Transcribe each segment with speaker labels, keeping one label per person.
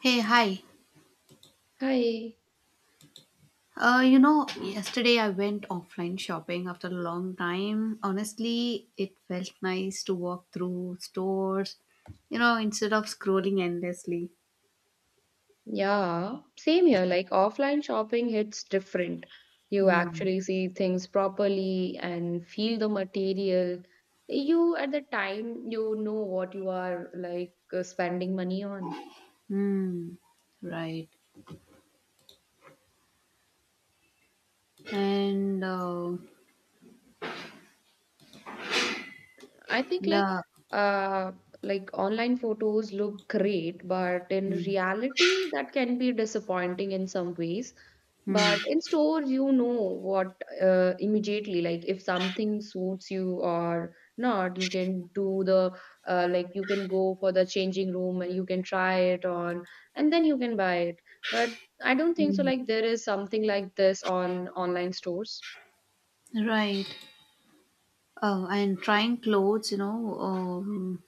Speaker 1: Hey, hi.
Speaker 2: Hi.
Speaker 1: Yesterday I went offline shopping after a long time. Honestly, it felt nice to walk through stores, instead of scrolling endlessly.
Speaker 2: Yeah, same here. Like offline shopping hits different. You
Speaker 1: Hmm.
Speaker 2: actually see things properly and feel the material. You, at the time, you know what you are like spending money on.
Speaker 1: Hmm. Right. And
Speaker 2: I think
Speaker 1: yeah.
Speaker 2: uh like online photos look great, but in
Speaker 1: Hmm.
Speaker 2: reality that can be disappointing in some ways.
Speaker 1: Hmm.
Speaker 2: But in store, you know what immediately, like if something suits you or not, you can do the like you can go for the changing room and you can try it on and then you can buy it. But I don't think so,
Speaker 1: Hmm.
Speaker 2: like there is something like this on online stores.
Speaker 1: Right. Oh, and trying clothes,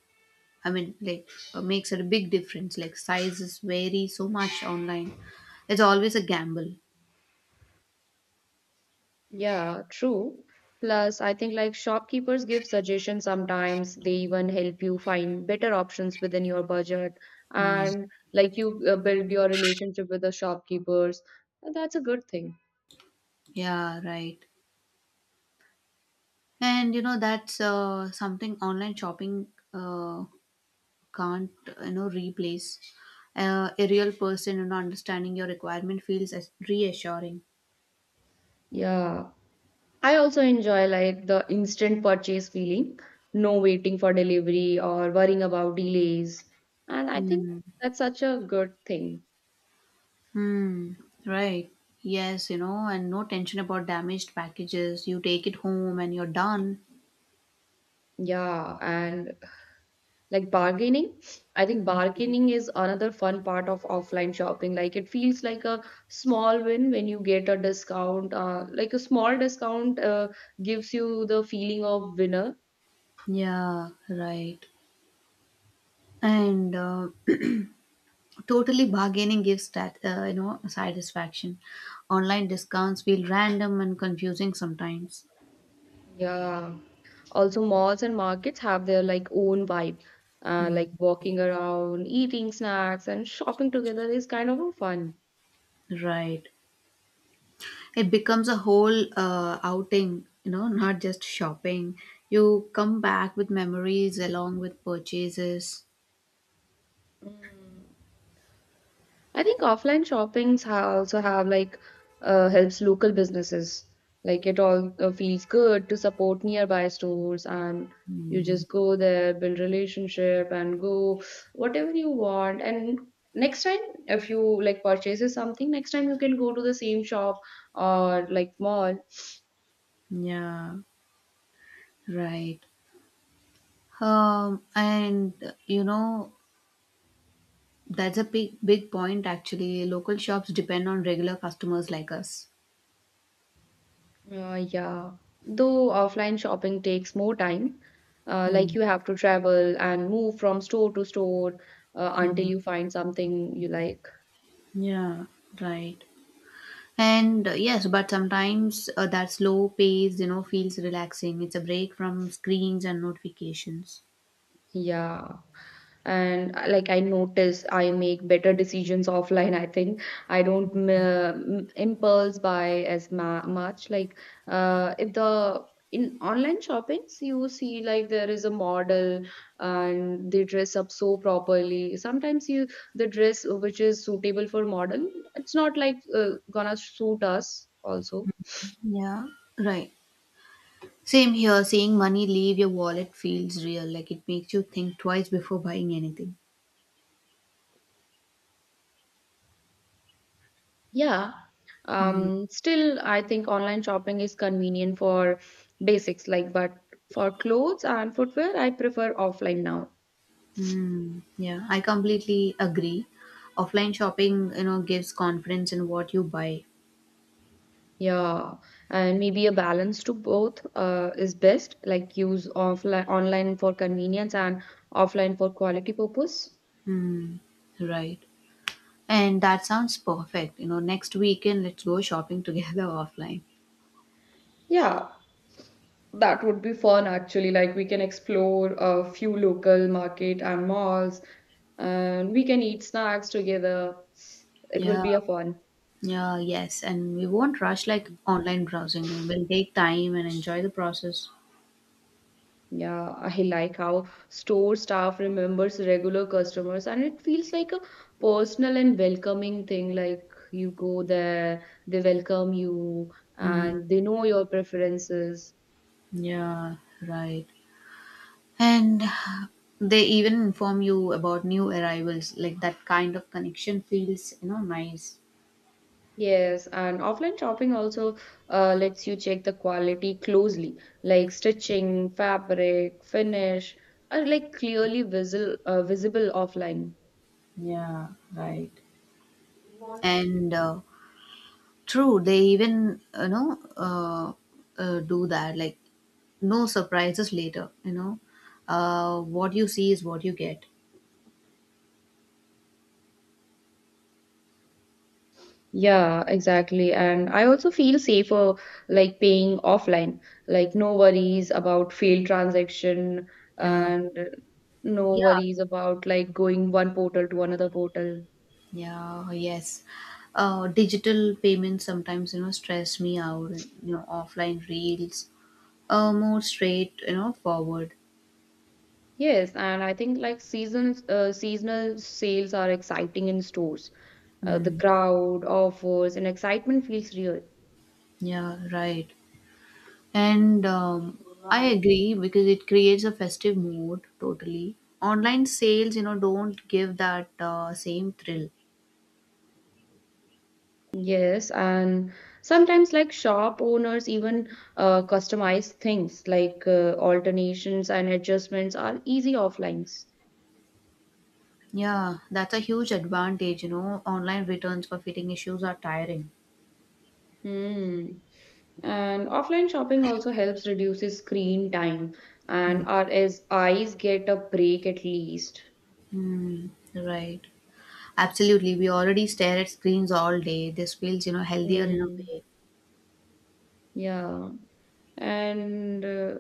Speaker 1: I mean, like, makes a big difference. Like, sizes vary so much online. It's always a gamble.
Speaker 2: Yeah, true. Plus, I think like shopkeepers give suggestions sometimes. They even help you find better options within your budget.
Speaker 1: Hmm.
Speaker 2: And like you build your relationship with the shopkeepers. And that's a good thing.
Speaker 1: Yeah, right. And that's something online shopping uh, can't replace. A real person, understanding your requirement feels as reassuring.
Speaker 2: Yeah. I also enjoy like the instant purchase feeling, no waiting for delivery or worrying about delays. And I think
Speaker 1: Hmm.
Speaker 2: that's such a good thing.
Speaker 1: Hmm. Right. Yes, and no tension about damaged packages. You take it home and you're done.
Speaker 2: Yeah. And like bargaining I think bargaining is another fun part of offline shopping like it feels like a small win when you get a discount like a small discount gives you the feeling of winner
Speaker 1: Yeah, right. And totally bargaining gives that satisfaction. Online discounts feel random and confusing sometimes.
Speaker 2: yeah also malls and markets have their like own vibe
Speaker 1: Hmm.
Speaker 2: like walking around eating snacks and shopping together is kind of a fun.
Speaker 1: Right. It becomes a whole outing, not just shopping. You come back with memories along with purchases.
Speaker 2: Mm. I think offline shoppings also have like helps local businesses. Like it all feels good to support nearby stores, and you just go there, build relationship, and go whatever you want. And next time, if you like purchases something, next time you can go to the same shop or like mall.
Speaker 1: Yeah. Right. And that's a big, big point actually. Local shops depend on regular customers like us.
Speaker 2: Yeah, though offline shopping takes more time. Like
Speaker 1: Mm,
Speaker 2: you have to travel and move from store to store until
Speaker 1: mm.
Speaker 2: you find something you like.
Speaker 1: Yeah. Right. And yes, but sometimes that slow pace, feels relaxing. It's a break from screens and notifications.
Speaker 2: Yeah. And like I notice I make better decisions offline. I think I don't impulse buy as ma much. Like if the in online shoppings you see like there is a model and they dress up so properly. Sometimes you the dress which is suitable for model, it's not like gonna suit us also.
Speaker 1: Yeah, right. Same here, seeing money leave your wallet feels real. Like it makes you think twice before buying anything.
Speaker 2: Yeah.
Speaker 1: Mm.
Speaker 2: Still, I think online shopping is convenient for basics, like, but for clothes and footwear, I prefer offline now.
Speaker 1: Mm. Yeah, I completely agree. Offline shopping, gives confidence in what you buy.
Speaker 2: Yeah, and maybe a balance to both is best, like use offline online for convenience and offline for quality purpose.
Speaker 1: Mm. Right. And that sounds perfect. Next weekend, let's go shopping together offline.
Speaker 2: Yeah, that would be fun actually. Like we can explore a few local market and malls, and we can eat snacks together. It will
Speaker 1: Yeah.
Speaker 2: be a fun.
Speaker 1: Yeah, yes. And we won't rush like online browsing. We'll take time and enjoy the process.
Speaker 2: Yeah, I like how store staff remembers regular customers and it feels like a personal and welcoming thing. Like you go there, they welcome you and they know your preferences.
Speaker 1: Yeah, right. And they even inform you about new arrivals. Like that kind of connection feels, nice.
Speaker 2: Yes, and offline shopping also lets you check the quality closely, like stitching, fabric, finish, are like clearly visible visible offline.
Speaker 1: Yeah, right. And true, they even, do that. Like no surprises later. What you see is what you get.
Speaker 2: Yeah, exactly. And I also feel safer like paying offline, like no worries about failed transaction
Speaker 1: Yeah.
Speaker 2: and no
Speaker 1: Yeah,
Speaker 2: worries about like going one portal to another portal.
Speaker 1: yeah, yes. Digital payments sometimes, stress me out. And, offline reels, more straight, forward.
Speaker 2: Yes, and I think like seasons seasonal sales are exciting in stores. The crowd, offers, and excitement feels real.
Speaker 1: Yeah, right. And I agree because it creates a festive mood totally. Online sales, don't give that same thrill.
Speaker 2: Yes, and sometimes like shop owners even customize things like alternations and adjustments are easy offlines.
Speaker 1: Yeah, that's a huge advantage. Online returns for fitting issues are tiring.
Speaker 2: Hmm. And offline shopping also helps reduces screen time
Speaker 1: Mm,
Speaker 2: and our as eyes get a break at least.
Speaker 1: mm, right. Absolutely. We already stare at screens all day. This feels, healthier in a
Speaker 2: Hmm.
Speaker 1: way.
Speaker 2: Yeah. And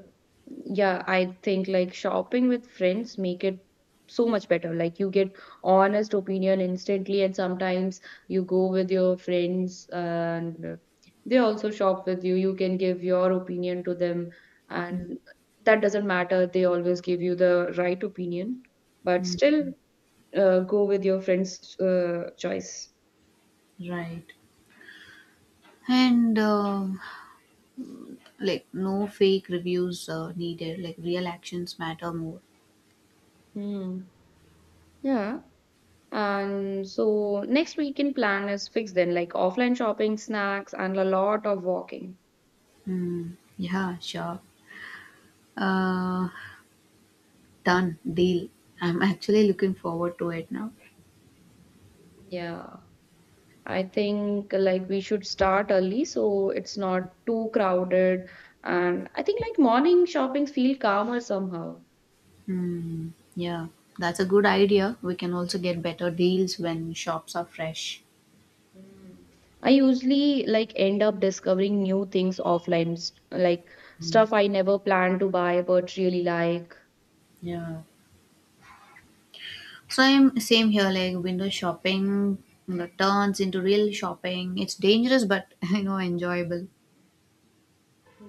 Speaker 2: Yeah, I think like shopping with friends make it so much better. Like you get honest opinion instantly, and sometimes you go with your friends and they also shop with you. You can give your opinion to them, and that doesn't matter. They always give you the right opinion, but
Speaker 1: Mm,
Speaker 2: still go with your friend's choice.
Speaker 1: right. And like no fake reviews needed. Like real actions matter more.
Speaker 2: Hmm. Yeah. And so next weekend plan is fixed then, like offline shopping, snacks, and a lot of walking.
Speaker 1: Mm, yeah, sure. Uh, Done. Deal. I'm actually looking forward to it now.
Speaker 2: Yeah, I think like we should start early so it's not too crowded. And I think like morning shoppings feel calmer somehow.
Speaker 1: Hmm. Yeah, that's a good idea. We can also get better deals when shops are fresh.
Speaker 2: Mm. I usually like end up discovering new things offline, like stuff I never planned to buy but really like.
Speaker 1: Yeah. Same, same here. Like window shopping turns into real shopping. It's dangerous, but enjoyable.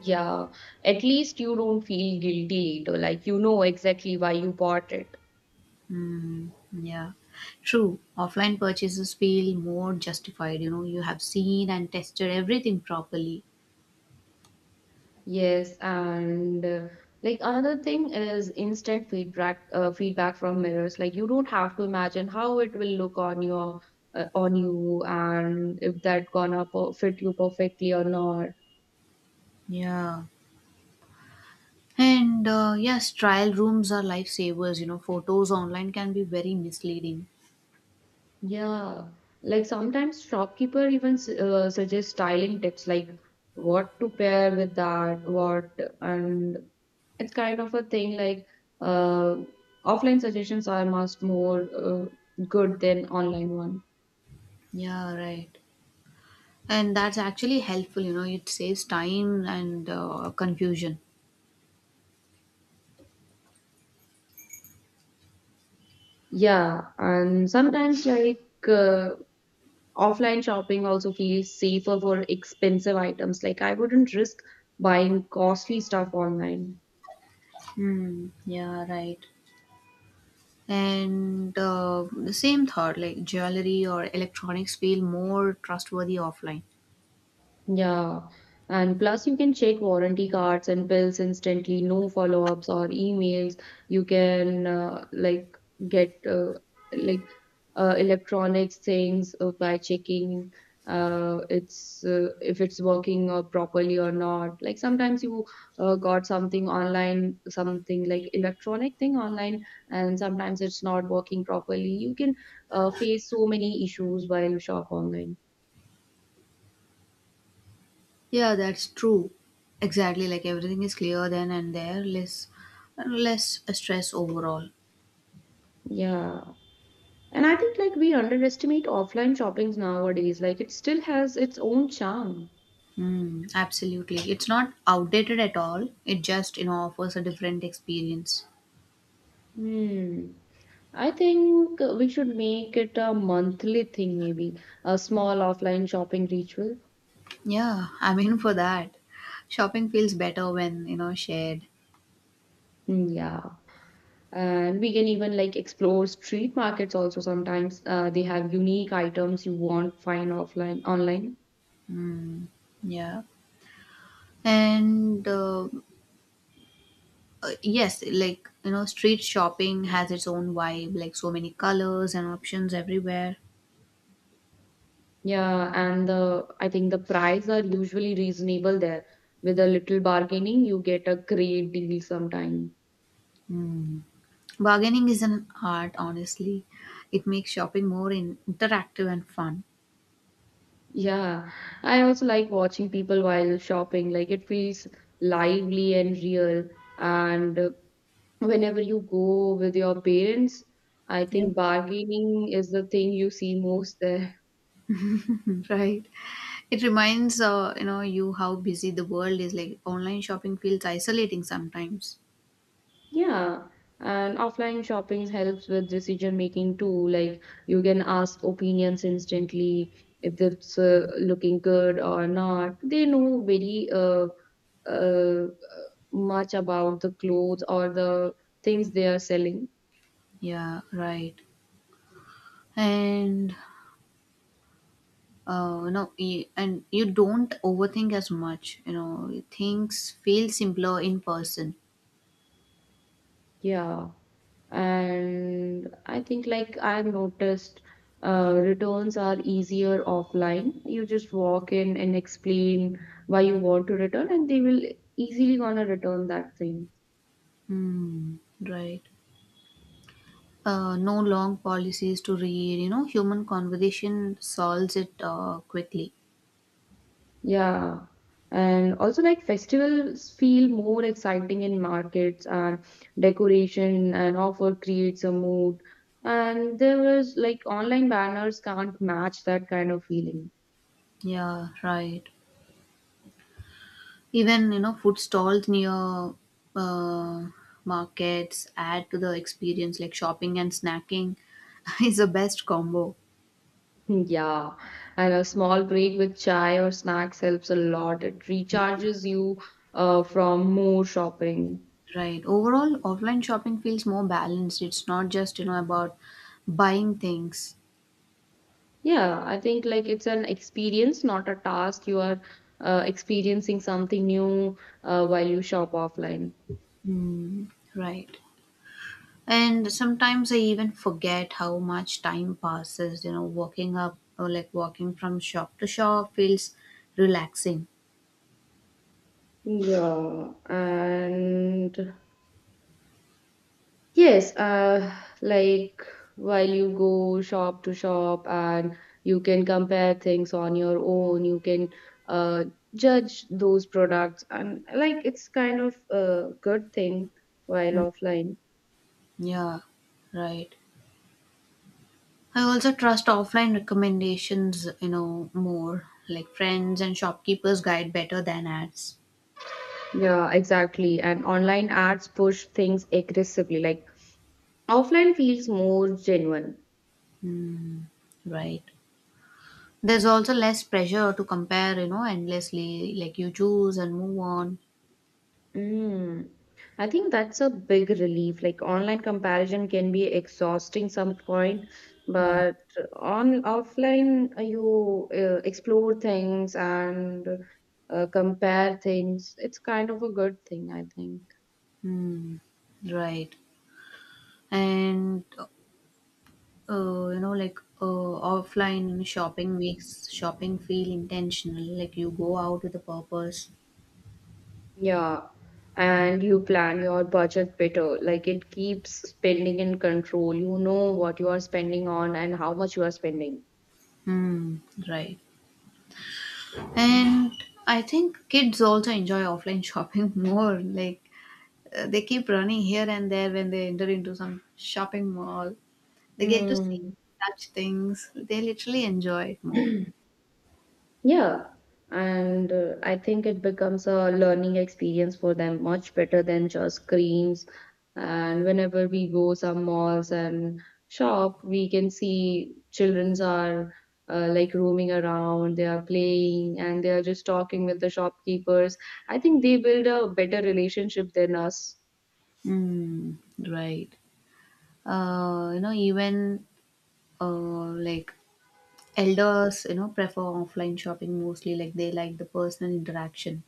Speaker 2: Yeah, at least you don't feel guilty later, like you know exactly why you bought it.
Speaker 1: Mm, yeah, true. Offline purchases feel more justified. You have seen and tested everything properly.
Speaker 2: Yes, and like another thing is instant feedback feedback from mirrors. Like you don't have to imagine how it will look on your on you and if that gonna per fit you perfectly or not.
Speaker 1: Yeah. And yes, trial rooms are lifesavers. Photos online can be very misleading.
Speaker 2: Yeah, like sometimes shopkeeper even suggests styling tips like what to pair with that, what and it's kind of a thing like uh, offline suggestions are much more good than online one.
Speaker 1: Yeah, right. And that's actually helpful. It saves time and confusion.
Speaker 2: Yeah, and sometimes like uh, offline shopping also feels safer for expensive items. Like I wouldn't risk buying costly stuff online.
Speaker 1: Hmm. Yeah, right. And the same thought, like jewelry or electronics feel more trustworthy offline.
Speaker 2: Yeah, and plus you can check warranty cards and bills instantly, no follow-ups or emails. You can like get like electronics things by checking it's if it's working properly or not. Like sometimes you got something online, something like electronic thing online, and sometimes it's not working properly. You can face so many issues while you shop online.
Speaker 1: Yeah, that's true. Exactly. Like everything is clear then and there, less stress overall.
Speaker 2: Yeah. And I think like we underestimate offline shoppings nowadays. Like it still has its own charm.
Speaker 1: Mm, absolutely. It's not outdated at all. It just, offers a different experience.
Speaker 2: Hmm. I think we should make it a monthly thing, maybe a small offline shopping ritual.
Speaker 1: Yeah, I'm in for that. Shopping feels better when, shared.
Speaker 2: Hmm, yeah. And we can even like explore street markets also sometimes. They have unique items you won't find offline online.
Speaker 1: Yeah. And yes, like, street shopping has its own vibe, like so many colors and options everywhere.
Speaker 2: Yeah, and the I think the price are usually reasonable there. With a little bargaining, you get a great deal sometimes.
Speaker 1: Mm. Bargaining is an art, honestly. It makes shopping more interactive and fun.
Speaker 2: Yeah, I also like watching people while shopping. Like it feels lively and real. And Whenever you go with your parents, I
Speaker 1: Yeah.
Speaker 2: think bargaining is the thing you see most there.
Speaker 1: Right. It reminds you know you how busy the world is. Like online shopping feels isolating sometimes.
Speaker 2: Yeah, and offline shopping helps with decision making too. Like you can ask opinions instantly if it's looking good or not. They know very uh, uh, much about the clothes or the things they are selling.
Speaker 1: Yeah, right. And no, and you don't overthink as much. Things feel simpler in person.
Speaker 2: Yeah, and I think like I've noticed returns are easier offline. You just walk in and explain why you want to return, and they will easily gonna return that thing.
Speaker 1: Hmm. Right. No long policies to read. Human conversation solves it quickly.
Speaker 2: Yeah. And also like festivals feel more exciting in markets and decoration and offer creates a mood. And there was like online banners can't match that kind of feeling.
Speaker 1: Yeah, right. Even, food stalls near uh, markets add to the experience, like shopping and snacking is the best combo,
Speaker 2: Yeah, and a small break with chai or snacks helps a lot. It recharges you from more shopping.
Speaker 1: right? Overall, offline shopping feels more balanced. It's not just, about buying things.
Speaker 2: Yeah, I think like it's an experience, not a task. You are experiencing something new while you shop offline.
Speaker 1: Mm, right. And sometimes I even forget how much time passes, walking up or like walking from shop to shop feels relaxing.
Speaker 2: Yeah, and yes, like while you go shop to shop and you can compare things on your own, you can uh, judge those products, and like it's kind of a good thing while
Speaker 1: Mm,
Speaker 2: offline.
Speaker 1: yeah, right. I also trust offline recommendations, more like friends and shopkeepers guide better than ads,
Speaker 2: Yeah, exactly. And online ads push things aggressively. Like offline feels more genuine.
Speaker 1: right? There's also less pressure to compare, endlessly. Like you choose and move on.
Speaker 2: Mm. I think that's a big relief. Like online comparison can be exhausting some point,
Speaker 1: Mm.
Speaker 2: but on offline you explore things and compare things. It's kind of a good thing, I think.
Speaker 1: Mm. Right. And, like offline shopping makes shopping feel intentional. Like you go out with a purpose.
Speaker 2: Yeah. And you plan your budget better. Like it keeps spending in control. You know what you are spending on and how much you are spending.
Speaker 1: Mm. Right. And I think kids also enjoy offline shopping more. Like they keep running here and there when they enter into some shopping mall. They get to see,
Speaker 2: Hmm.
Speaker 1: touch things. They literally enjoy it more.
Speaker 2: Yeah, and I think it becomes a learning experience for them much better than just screens. And whenever we go some malls and shop, we can see childrens are like roaming around, they are playing, and they are just talking with the shopkeepers. I think they build a better relationship than us.
Speaker 1: Mm, right. Even like elders, prefer offline shopping mostly. Like they like the personal interaction.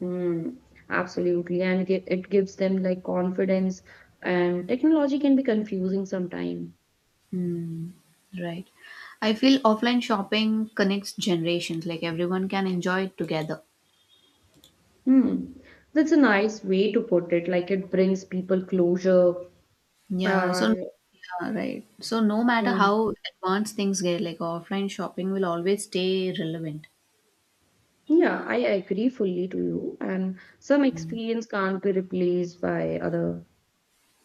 Speaker 2: Mm, absolutely, and it gives them like confidence. And technology can be confusing sometimes.
Speaker 1: Mm, right. I feel offline shopping connects generations. Like everyone can enjoy it together.
Speaker 2: Hmm. That's a nice way to put it. Like it brings people closure.
Speaker 1: Yeah, so
Speaker 2: Uh,
Speaker 1: yeah, right. So no matter
Speaker 2: mm.
Speaker 1: how advanced things get, like offline shopping will always stay relevant.
Speaker 2: Yeah, I agree fully to you. And some experience can't be replaced by other.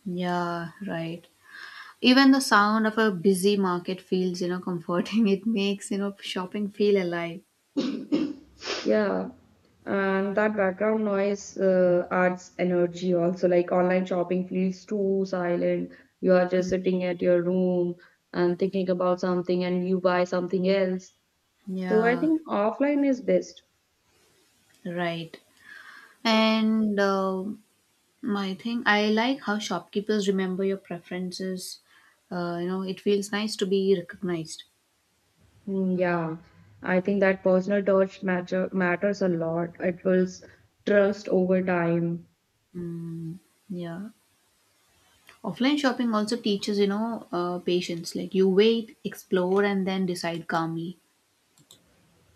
Speaker 1: Yeah, right. Even the sound of a busy market feels, comforting. It makes, shopping feel alive.
Speaker 2: Yeah. And that background noise adds energy also. Like online shopping feels too silent. You are just sitting at your room and thinking about something and you buy something else. So I
Speaker 1: Yeah,
Speaker 2: think offline is best.
Speaker 1: right. And my thing, I like how shopkeepers remember your preferences. It feels nice to be recognized.
Speaker 2: Mm, yeah, I think that personal touch matters a lot. It builds trust over time.
Speaker 1: Mm, yeah. Offline shopping also teaches, patience. Like you wait, explore, and then decide calmly.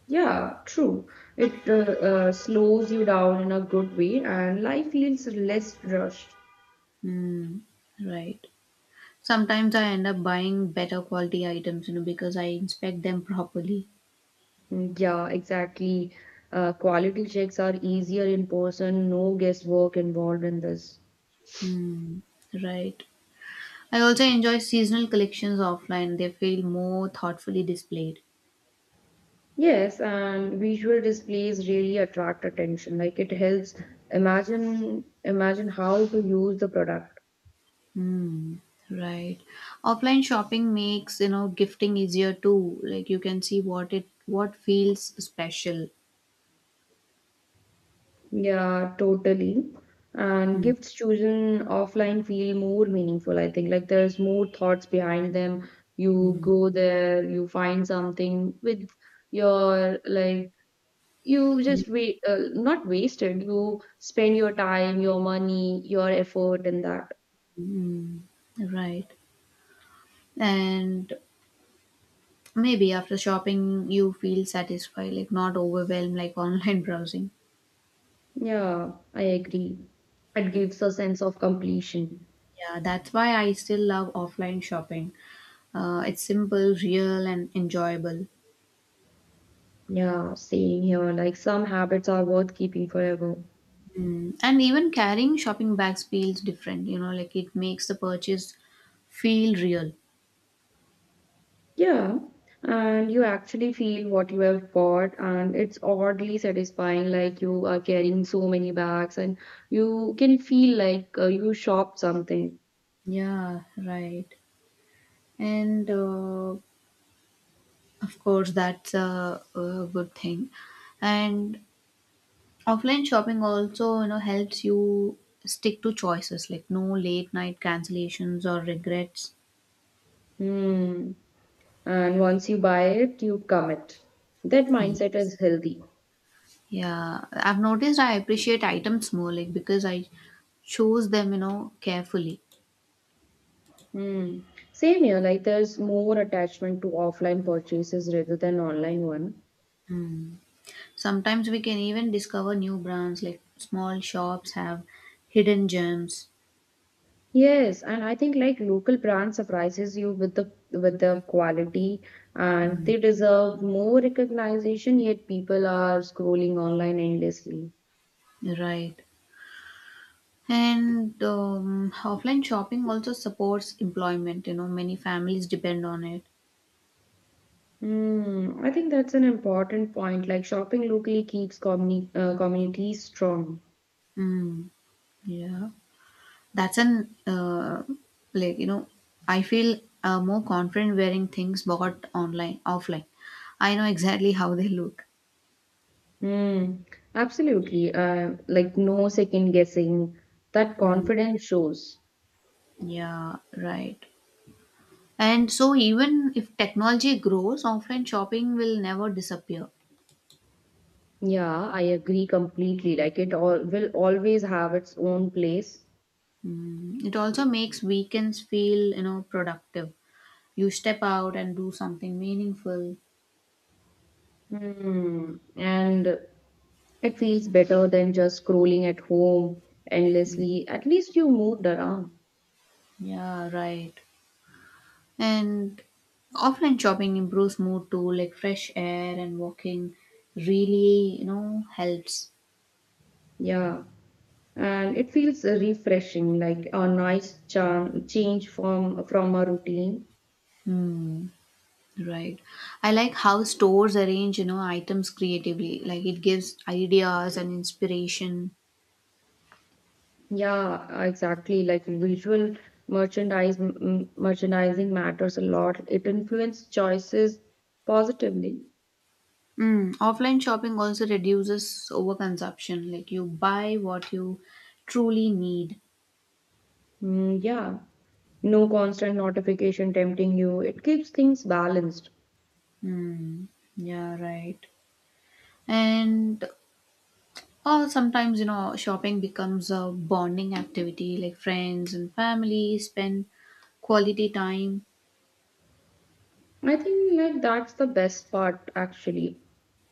Speaker 2: Yeah, true. It slows you down in a good way, and life feels less rushed.
Speaker 1: Mm, right. Sometimes I end up buying better quality items, because I inspect them properly.
Speaker 2: Mm, yeah, exactly. Quality checks are easier in person, no guesswork involved in this.
Speaker 1: Mm, right. I also enjoy seasonal collections offline. They feel more thoughtfully displayed.
Speaker 2: Yes, and visual displays really attract attention. Like it helps imagine how to use the product.
Speaker 1: Mm, right. Offline shopping makes, gifting easier too. Like you can see what feels special.
Speaker 2: Yeah, totally. And
Speaker 1: Mm,
Speaker 2: gifts chosen offline feel more meaningful, I think. Like there's more thoughts behind them. You go there, you find something with your, like, you
Speaker 1: yeah.
Speaker 2: just wait, not wasted. You spend your time, your money, your effort, and that.
Speaker 1: Right. And maybe after shopping, you feel satisfied, like not overwhelmed like online browsing.
Speaker 2: Yeah, I agree. It gives a sense of completion.
Speaker 1: Yeah, that's why I still love offline shopping. It's simple, real, and enjoyable.
Speaker 2: Yeah, same here. Like some habits are worth keeping forever.
Speaker 1: Mm. And even carrying shopping bags feels different, like it makes the purchase feel real.
Speaker 2: Yeah, and you actually feel what you have bought, and it's oddly satisfying. Like you are carrying so many bags, and you can feel like you shopped something.
Speaker 1: Yeah, right. And of course, that's a good thing. And offline shopping also, helps you stick to choices like no late night cancellations or regrets.
Speaker 2: Hmm. And once you buy it, you commit. That
Speaker 1: Mm.
Speaker 2: mindset is healthy.
Speaker 1: Yeah, I've noticed I appreciate items more like because I choose them, carefully.
Speaker 2: Hmm. Same here, like there's more attachment to offline purchases rather than online one.
Speaker 1: Mm. Sometimes we can even discover new brands like small shops have hidden gems.
Speaker 2: Yes, and I think like local brand surprises you with the quality, and
Speaker 1: Mm.
Speaker 2: they deserve more recognition, yet people are scrolling online endlessly.
Speaker 1: Right. And offline shopping also supports employment. Many families depend on it.
Speaker 2: Hmm, I think that's an important point. Like shopping locally keeps communities strong.
Speaker 1: Mm. Yeah. That's an like I feel more confident wearing things bought online offline. I know exactly how they look.
Speaker 2: Hmm, absolutely. Like no second guessing. That
Speaker 1: Hmm.
Speaker 2: confidence shows.
Speaker 1: Yeah, right. And so even if technology grows, offline shopping will never disappear.
Speaker 2: Yeah, I agree completely. Like it all will always have its own place.
Speaker 1: Mm, it also makes weekends feel, productive. You step out and do something meaningful.
Speaker 2: Hmm. And it feels better than just scrolling at home endlessly. At least you moved around.
Speaker 1: Yeah, right. And offline shopping improves mood too, like fresh air and walking really, helps.
Speaker 2: Yeah. And it feels refreshing, like a nice change from a routine.
Speaker 1: Hmm. Right. I like how stores arrange, items creatively. Like it gives ideas and inspiration.
Speaker 2: Yeah, exactly. Like visual merchandising matters a lot. It influences choices positively.
Speaker 1: Mm. Offline shopping also reduces overconsumption. Like you buy what you truly need.
Speaker 2: Mm, yeah, no constant notification tempting you. It keeps things balanced.
Speaker 1: Mm. Yeah, right. And Or sometimes, shopping becomes a bonding activity, like friends and family spend quality time.
Speaker 2: I think like that's the best part actually.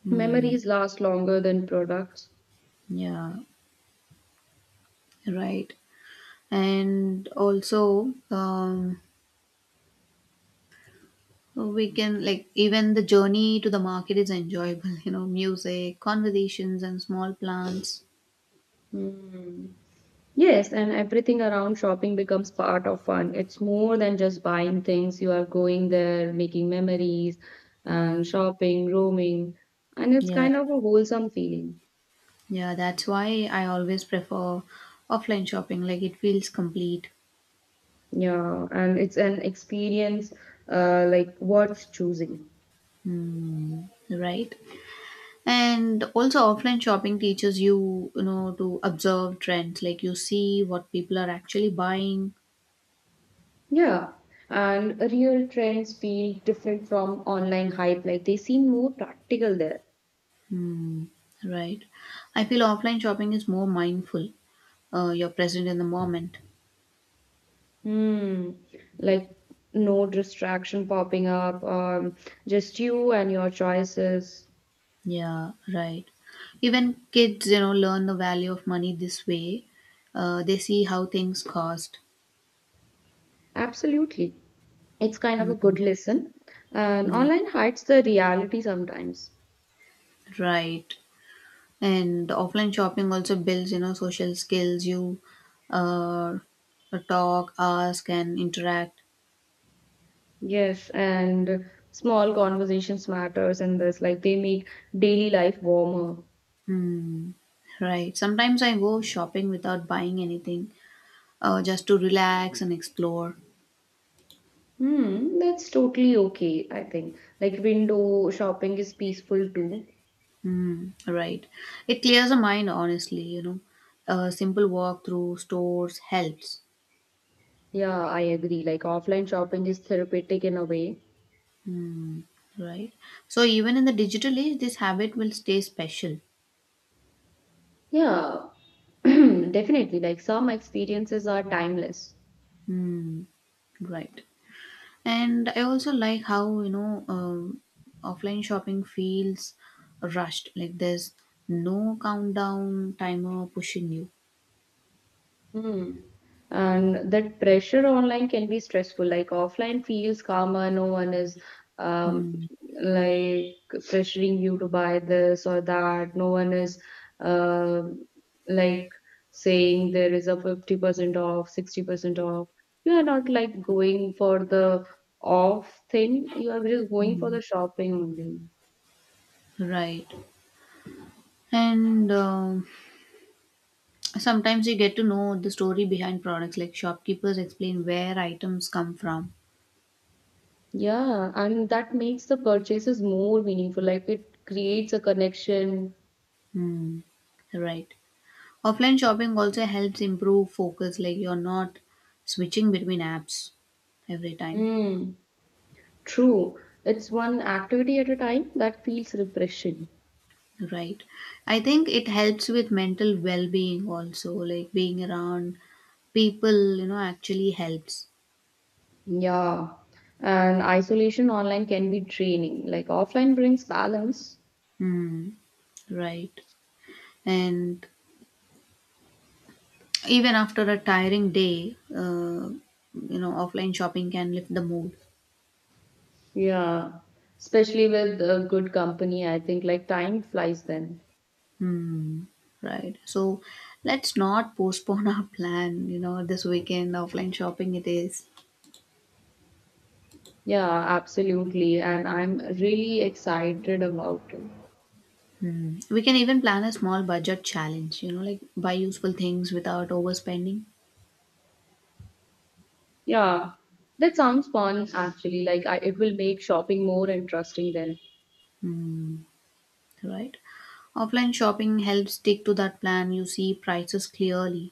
Speaker 1: Hmm.
Speaker 2: Memories last longer than products.
Speaker 1: Yeah, right. And also, we can, like, even the journey to the market is enjoyable, music, conversations, and small plants.
Speaker 2: Hmm. Yes, and everything around shopping becomes part of fun. It's more than just buying things. You are going there, making memories, and shopping, roaming, and it's
Speaker 1: Yeah,
Speaker 2: kind of a wholesome feeling.
Speaker 1: yeah, that's why I always prefer offline shopping, like, it feels complete.
Speaker 2: Yeah, and it's an experience like worth choosing.
Speaker 1: Hmm. Right? And also offline shopping teaches you, to observe trends, like you see what people are actually buying.
Speaker 2: Yeah, and real trends feel different from online hype. Like they seem more practical there.
Speaker 1: Hmm. Right. I feel offline shopping is more mindful. You're present in the moment.
Speaker 2: Hmm. Like no distraction popping up, just you and your choices.
Speaker 1: Yeah, right. Even kids, learn the value of money this way. They see how things cost.
Speaker 2: Absolutely. It's kind of a
Speaker 1: Mm,
Speaker 2: good listen. And
Speaker 1: yeah,
Speaker 2: online hides the reality sometimes.
Speaker 1: right. And offline shopping also builds, social skills. You uh, talk, ask, and interact.
Speaker 2: Yes, and small conversations matters in this. Like they make daily life warmer.
Speaker 1: Hmm. Right. Sometimes I go shopping without buying anything, just to relax and explore.
Speaker 2: Hmm, that's totally okay, I think. Like window shopping is peaceful too.
Speaker 1: Hmm. Right. It clears the mind, honestly. A simple walk through stores helps.
Speaker 2: Yeah, I agree. Like offline shopping is therapeutic in a way.
Speaker 1: Hmm. Right. So even in the digital age, this habit will stay special.
Speaker 2: Yeah, definitely. Like some experiences are timeless.
Speaker 1: Hmm. Right. And I also like how, offline shopping feels rushed. Like there's no countdown timer pushing you.
Speaker 2: Hmm. And that pressure online can be stressful. Like offline feels calmer, no one is um,
Speaker 1: Hmm.
Speaker 2: like pressuring you to buy this or that. No one is um like saying there is a 50% off, 60% off. You are not like going for the off thing, you are just going for the shopping only.
Speaker 1: Right. And sometimes you get to know the story behind products, like shopkeepers explain where items come from.
Speaker 2: Yeah, and that makes the purchases more meaningful. Like it creates a connection.
Speaker 1: Hmm. Right. Offline shopping also helps improve focus, like you're not switching between apps every time.
Speaker 2: Mm, true. It's one activity at a time that feels refreshing.
Speaker 1: Right. I think it helps with mental well being also, like being around people, actually helps.
Speaker 2: Yeah. And isolation online can be draining. Like offline brings balance.
Speaker 1: Hmm. Right. And even after a tiring day, offline shopping can lift the mood.
Speaker 2: Yeah. Especially with good company, I think like time flies then.
Speaker 1: Hmm. Right. So let's not postpone our plan. This weekend offline shopping it is.
Speaker 2: Yeah, absolutely. And I'm really excited about it.
Speaker 1: Hmm. We can even plan a small budget challenge. Like buy useful things without overspending.
Speaker 2: Yeah, that sounds fun actually. Like I, it will make shopping more interesting then.
Speaker 1: Hmm. Right. Offline shopping helps stick to that plan. You see prices clearly.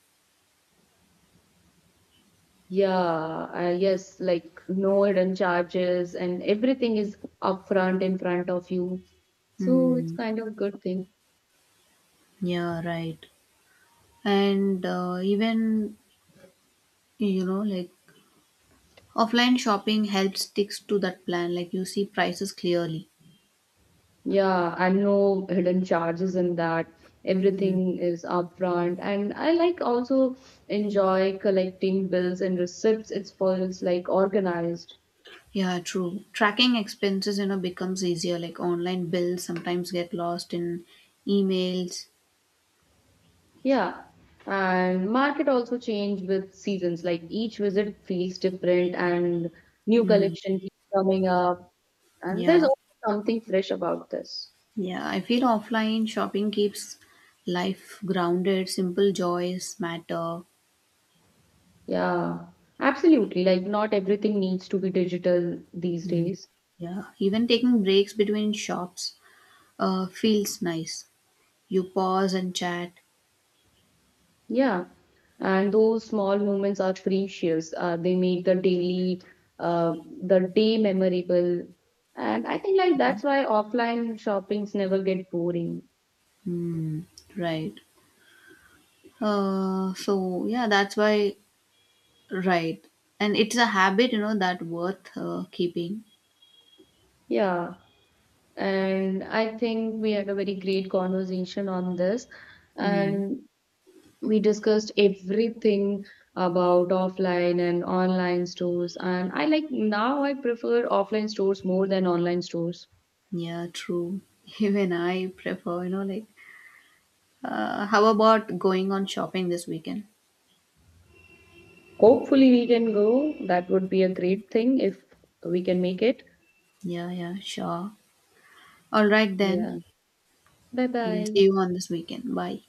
Speaker 2: Yeah, yes, like no hidden charges, and everything is upfront in front of you. So it's
Speaker 1: Hmm.
Speaker 2: kind of a good thing.
Speaker 1: Yeah, right. And even, like offline shopping helps sticks to that plan, like you see prices clearly.
Speaker 2: Yeah, and no hidden charges in that.
Speaker 1: Mm.
Speaker 2: Everything is upfront. And I like also enjoy collecting bills and receipts. It's like organized.
Speaker 1: Yeah, true. Tracking expenses, becomes easier. Like online bills sometimes get lost in emails.
Speaker 2: Yeah. And market also change with seasons. Like each visit feels different and new
Speaker 1: Mm.
Speaker 2: collection keeps coming up. And there's
Speaker 1: Yeah,
Speaker 2: always something fresh about this.
Speaker 1: yeah. I feel offline shopping keeps life grounded. Simple joys matter.
Speaker 2: Yeah. Absolutely. Like not everything needs to be digital these days.
Speaker 1: Yeah, even taking breaks between shops feels nice. You pause and chat.
Speaker 2: Yeah. And those small moments are precious. They make uh, the day memorable. And I think like
Speaker 1: Yeah.
Speaker 2: that's why offline shoppings never get boring.
Speaker 1: Hmm. Right. So yeah, that's why. Right. And it's a habit, that worth keeping.
Speaker 2: Yeah. And I think we had a very great conversation on this.
Speaker 1: Hmm.
Speaker 2: And we discussed everything about offline and online stores. And I like now I prefer offline stores more than online stores.
Speaker 1: Yeah, true. Even I prefer, like, how about going on shopping this weekend?
Speaker 2: Hopefully, we can go. That would be a great thing if we can make it.
Speaker 1: Yeah, yeah, sure. All right, then.
Speaker 2: Yeah. Bye
Speaker 1: We'll
Speaker 2: bye.
Speaker 1: see you on this weekend. Bye.